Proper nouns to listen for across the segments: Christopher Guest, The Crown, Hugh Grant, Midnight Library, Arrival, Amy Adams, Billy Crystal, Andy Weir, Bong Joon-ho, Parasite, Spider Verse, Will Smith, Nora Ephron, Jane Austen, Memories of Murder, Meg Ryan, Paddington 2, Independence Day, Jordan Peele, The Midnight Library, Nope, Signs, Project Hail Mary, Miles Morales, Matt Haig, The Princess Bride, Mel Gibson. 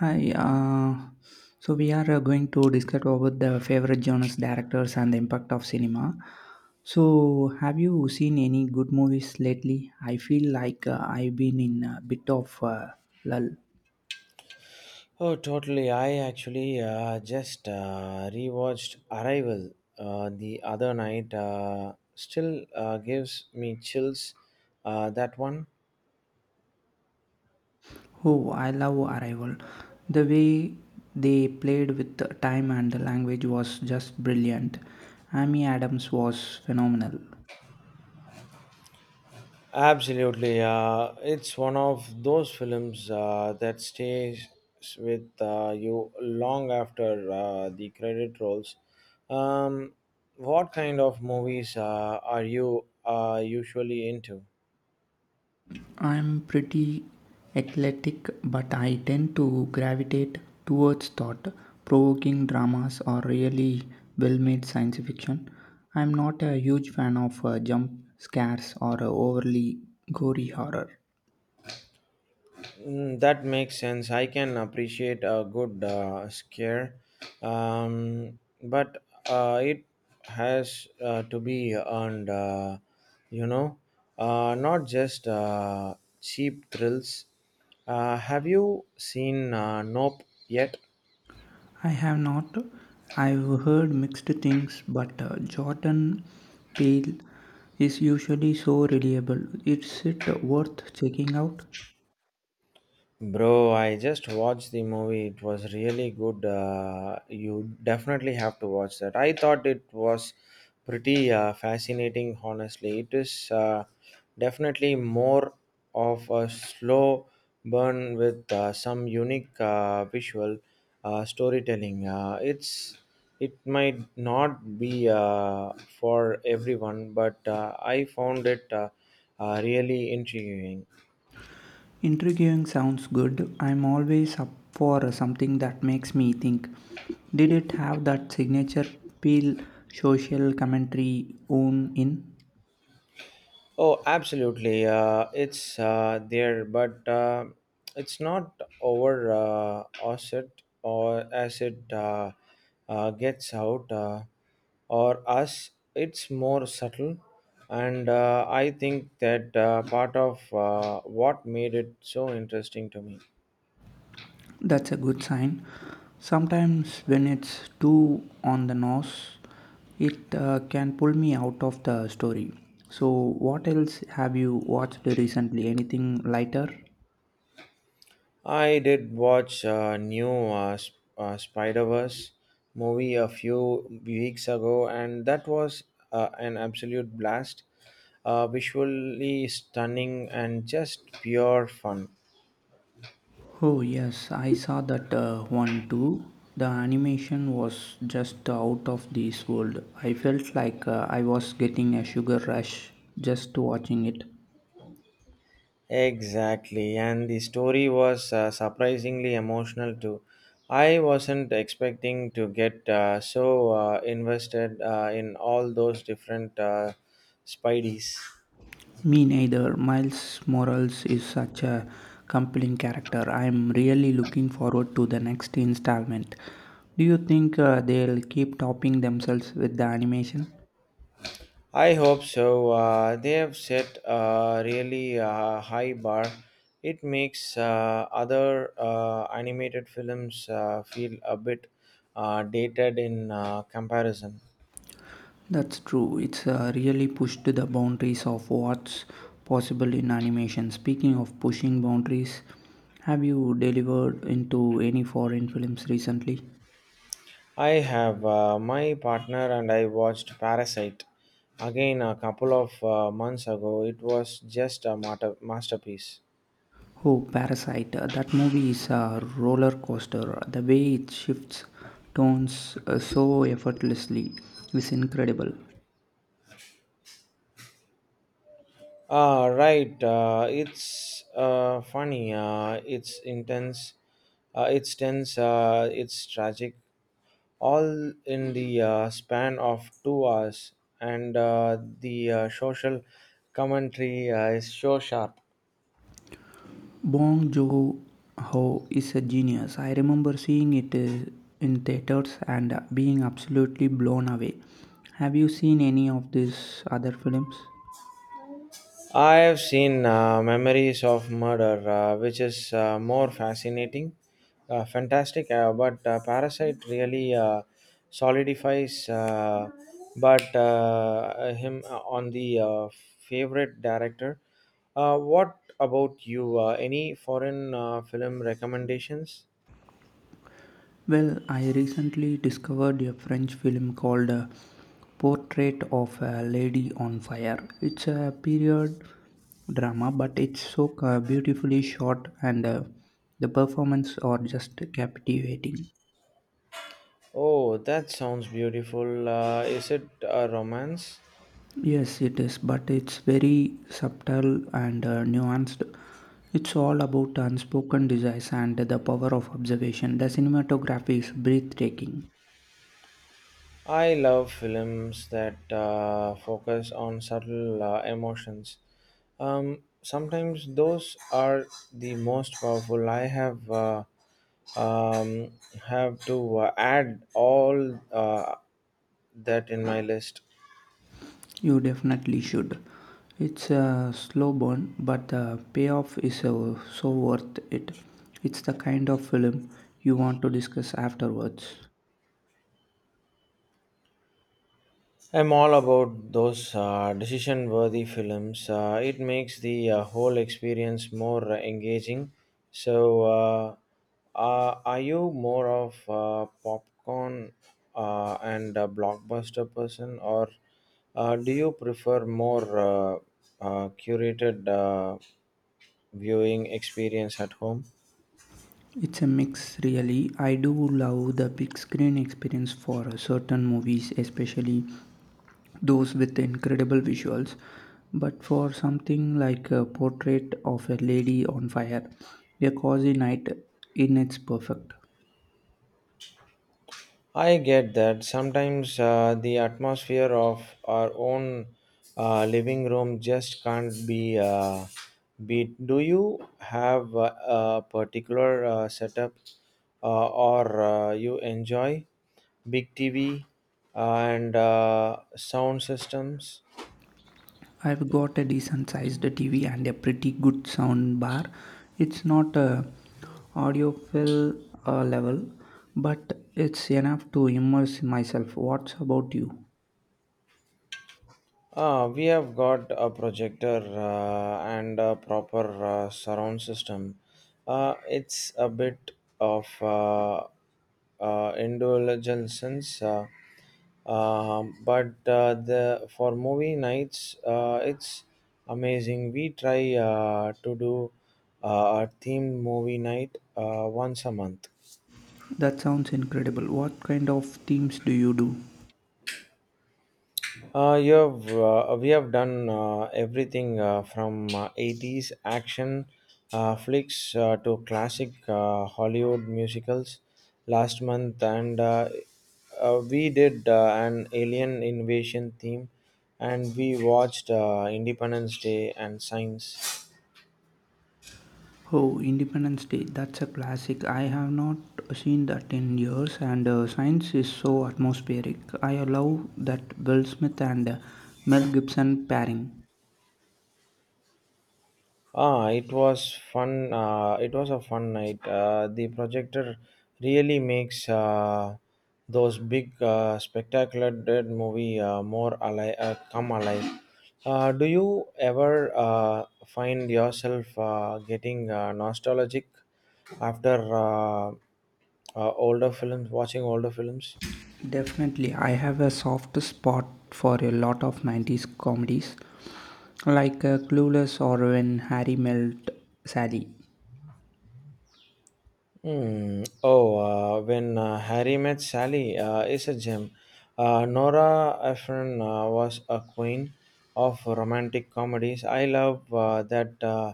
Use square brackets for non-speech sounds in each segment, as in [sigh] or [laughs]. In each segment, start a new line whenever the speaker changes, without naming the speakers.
Hi. So we are going to discuss about the favorite genres, directors, and the impact of cinema. So, have you seen any good movies lately? I feel like I've been in a bit of lull.
Oh, totally. I actually just rewatched Arrival the other night. Still gives me chills. That one.
Oh, I love Arrival. The way they played with the time and the language was just brilliant. Amy Adams was phenomenal.
Absolutely. It's one of those films that stays with you long after the credit rolls. Um, what kind of movies are you usually into?
I'm pretty athletic, but I tend to gravitate towards thought provoking dramas or really well made science fiction. I'm not a huge fan of jump scares or overly gory horror.
Mm, that makes sense. I can appreciate a good scare, but it has to be earned, you know, not just cheap thrills. Have you seen Nope yet?
I have not. I've heard mixed things, but Jordan Peele is usually so reliable. Is it worth checking out?
Bro, I just watched the movie. It was really good. You definitely have to watch that. I thought it was pretty fascinating, honestly. It is definitely more of a slow burn with some unique visual storytelling. It might not be for everyone, but I found it really intriguing.
Intriguing sounds good. I'm always up for something that makes me think. Did it have that signature peel social commentary on in?
Oh, absolutely. It's there, but it's not over as it or as it gets out or us. It's more subtle, and I think that part of what made it so interesting to me.
That's a good sign. Sometimes when it's too on the nose, it can pull me out of the story. So, what else have you watched recently? Anything lighter?
I did watch a new Spider Verse movie a few weeks ago, and that was an absolute blast. Visually stunning and just pure fun.
Oh yes, I saw that one too. The animation was just out of this world. I felt like I was getting a sugar rush just watching it.
Exactly, and the story was surprisingly emotional too. I wasn't expecting to get invested in all those different Spideys.
Me neither. Miles Morales is such a compelling character. I am really looking forward to the next installment. Do you think they'll keep topping themselves with the animation?
I hope so. They have set a really high bar. It makes other animated films feel a bit dated in comparison.
That's true. It's really pushed the boundaries of what's possible in animation. Speaking of pushing boundaries, have you delivered into any foreign films recently?
I have my partner and I watched Parasite again a couple of months ago. It was just a masterpiece.
Oh, Parasite. That movie is a roller coaster. The way it shifts tones so effortlessly is incredible.
Ah, right. It's funny. It's intense. It's tense. It's tragic, all in the span of 2 hours, and the social commentary is so sharp.
Bong Joon-ho is a genius. I remember seeing it in theaters and being absolutely blown away. Have you seen any of these other films?
I have seen Memories of Murder, which is more fascinating, fantastic, but Parasite really solidifies but him on the favorite director. What about you? Any foreign film recommendations?
Well, I recently discovered a French film called Portrait of a Lady on Fire. It's a period drama, but it's so beautifully shot and the performances are just captivating.
Oh, that sounds beautiful. Is it a romance?
Yes, it is, but it's very subtle and nuanced. It's all about unspoken desires and the power of observation. The cinematography is breathtaking.
I love films that focus on subtle emotions. Sometimes those are the most powerful. I um, have to add all that in my list.
You definitely should. It's a slow burn, but the payoff is so worth it. It's the kind of film you want to discuss afterwards.
I'm all about those decision worthy films. It makes the whole experience more engaging. So, are you more of a popcorn and a blockbuster person, or do you prefer more curated viewing experience at home?
It's a mix, really. I do love the big screen experience for certain movies, especially those with incredible visuals, but for something like a Portrait of a Lady on Fire, a cozy night in, it's perfect.
I get that. Sometimes the atmosphere of our own living room just can't be beat. Do you have a particular setup or you enjoy? Big TV and sound systems?
I've got a decent sized TV and a pretty good sound bar. It's not a audiophile level, but it's enough to immerse myself. What's about you?
We have got a projector and a proper surround system. It's a bit of indulgence, but the for movie nights, it's amazing. We try to do a themed movie night once a month.
That sounds incredible. What kind of themes do you do?
We have done everything from 80s action flicks to classic Hollywood musicals last month, and we did an alien invasion theme, and we watched Independence Day and Signs.
Oh, Independence Day, that's a classic. I have not seen that in years, and science is so atmospheric. I love that Will Smith and Mel Gibson pairing.
Ah, it was fun. It was a fun night. The projector really makes those big, spectacular dead movie more alive, come alive. Do you ever find yourself getting nostalgic after watching older films?
Definitely, I have a soft spot for a lot of 90s comedies, like Clueless or When Harry Met Sally.
Hmm. Oh, when Harry met Sally is a gem. Nora Ephron was a queen of romantic comedies. I love that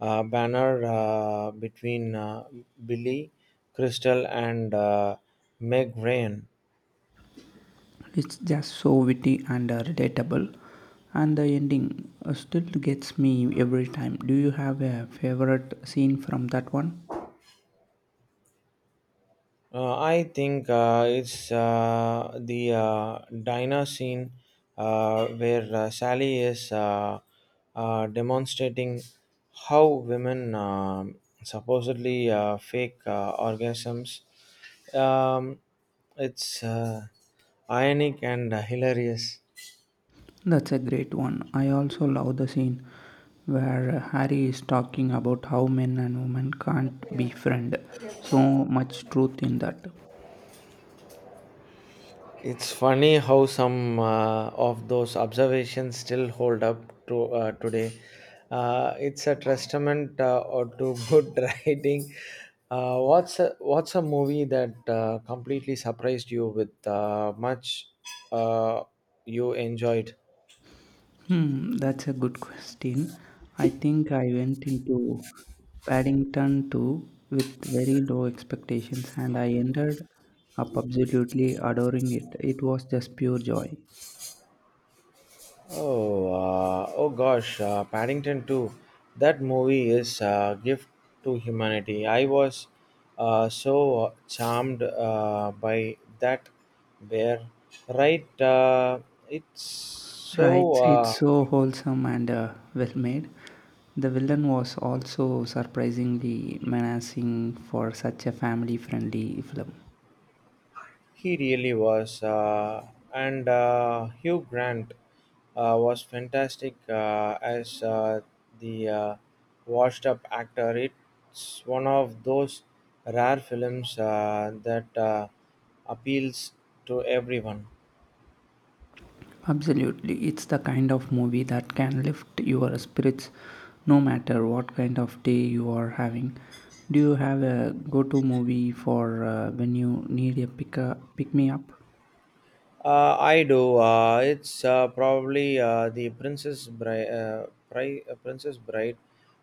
banner between Billy Crystal and Meg Ryan.
It's just so witty and relatable, and the ending still gets me every time. Do you have a favorite scene from that one?
I think it's the diner scene where Sally is demonstrating how women supposedly fake orgasms. Um, it's ironic and hilarious.
That's a great one. I also love the scene where Harry is talking about how men and women can't be friends. So much truth in that.
It's funny how some of those observations still hold up to today. It's a testament or to [laughs] good writing. What's a movie that completely surprised you with much uh, you enjoyed?
Hmm, that's a good question. I think I went into Paddington 2 with very low expectations and I ended up absolutely adoring it. It was just pure joy.
Oh, oh gosh, Paddington 2. That movie is a gift to humanity. I was so charmed by that bear. Right? It's
Right,
so.
it's so wholesome and well made. The villain was also surprisingly menacing for such a family friendly film.
He really was, and Hugh Grant was fantastic as the washed-up actor. It's one of those rare films that appeals to everyone.
Absolutely, it's the kind of movie that can lift your spirits no matter what kind of day you are having. Do you have a go to movie for when you need a pick me up?
I do. It's probably the Princess Bride. Princess Bride.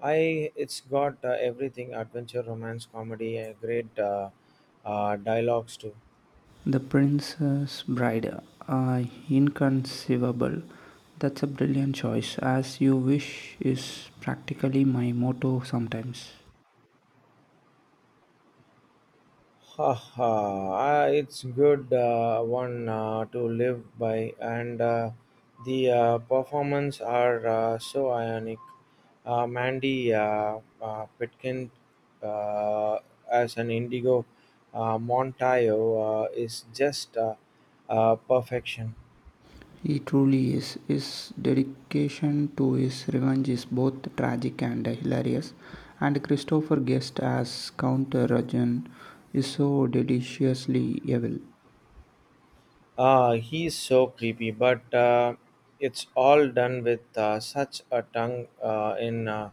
I. It's got everything: adventure, romance, comedy, great dialogues too.
The Princess Bride. Inconceivable. That's a brilliant choice. As you wish is practically my motto sometimes.
Ha ha! Ah, it's good one to live by, and the performance are so ionic. Mandy Pitkin uh, as an Indigo Montayo is just perfection.
He truly is. His dedication to his revenge is both tragic and hilarious. And Christopher Guest as Count Rajan is so deliciously evil.
Ah, he's so creepy, but it's all done with such a tongue in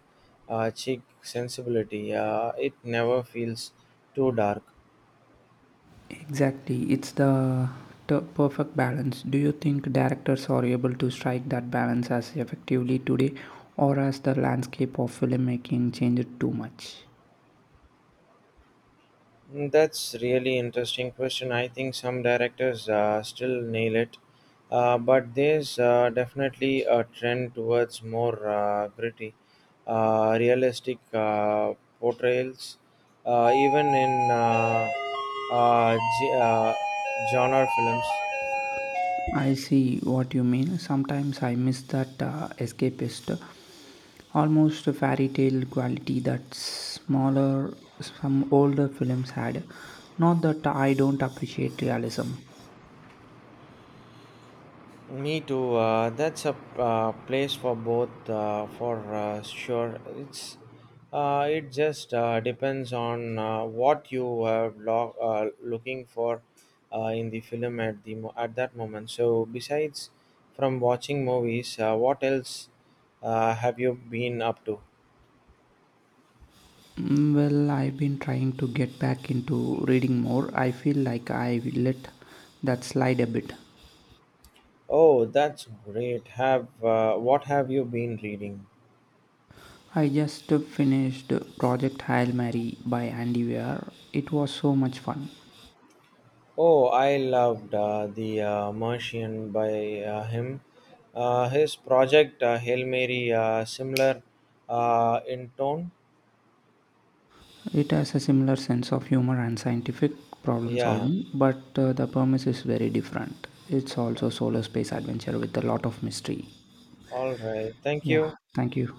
cheek sensibility. It never feels too dark.
Exactly, it's the perfect balance. Do you think directors are able to strike that balance as effectively today, or has the landscape of filmmaking changed too much?
Mm, that's really interesting question. I think some directors still nail it, but there's definitely a trend towards more gritty, realistic portrayals, even in uh, ge- uh, genre films.
I see what you mean. Sometimes I miss that escapist, almost a fairy tale quality that smaller, some older films had. Not that I don't appreciate realism.
Me too. That's a place for both, for sure. It just depends on what you are looking for in the film at the at that moment. So besides from watching movies, what else have you been up to?
Mm, well, I've been trying to get back into reading more. I feel like I let that slide a bit.
Oh, that's great. Have What have you been reading?
I just finished Project Hail Mary by Andy Weir. It was so much fun.
Oh, I loved the Martian by him. His project Hail Mary similar in tone.
It has a similar sense of humor and scientific problem
Yeah.
solving, but the premise is very different. It's also solar space adventure with a lot of mystery.
All right. Thank you.
Yeah, thank you.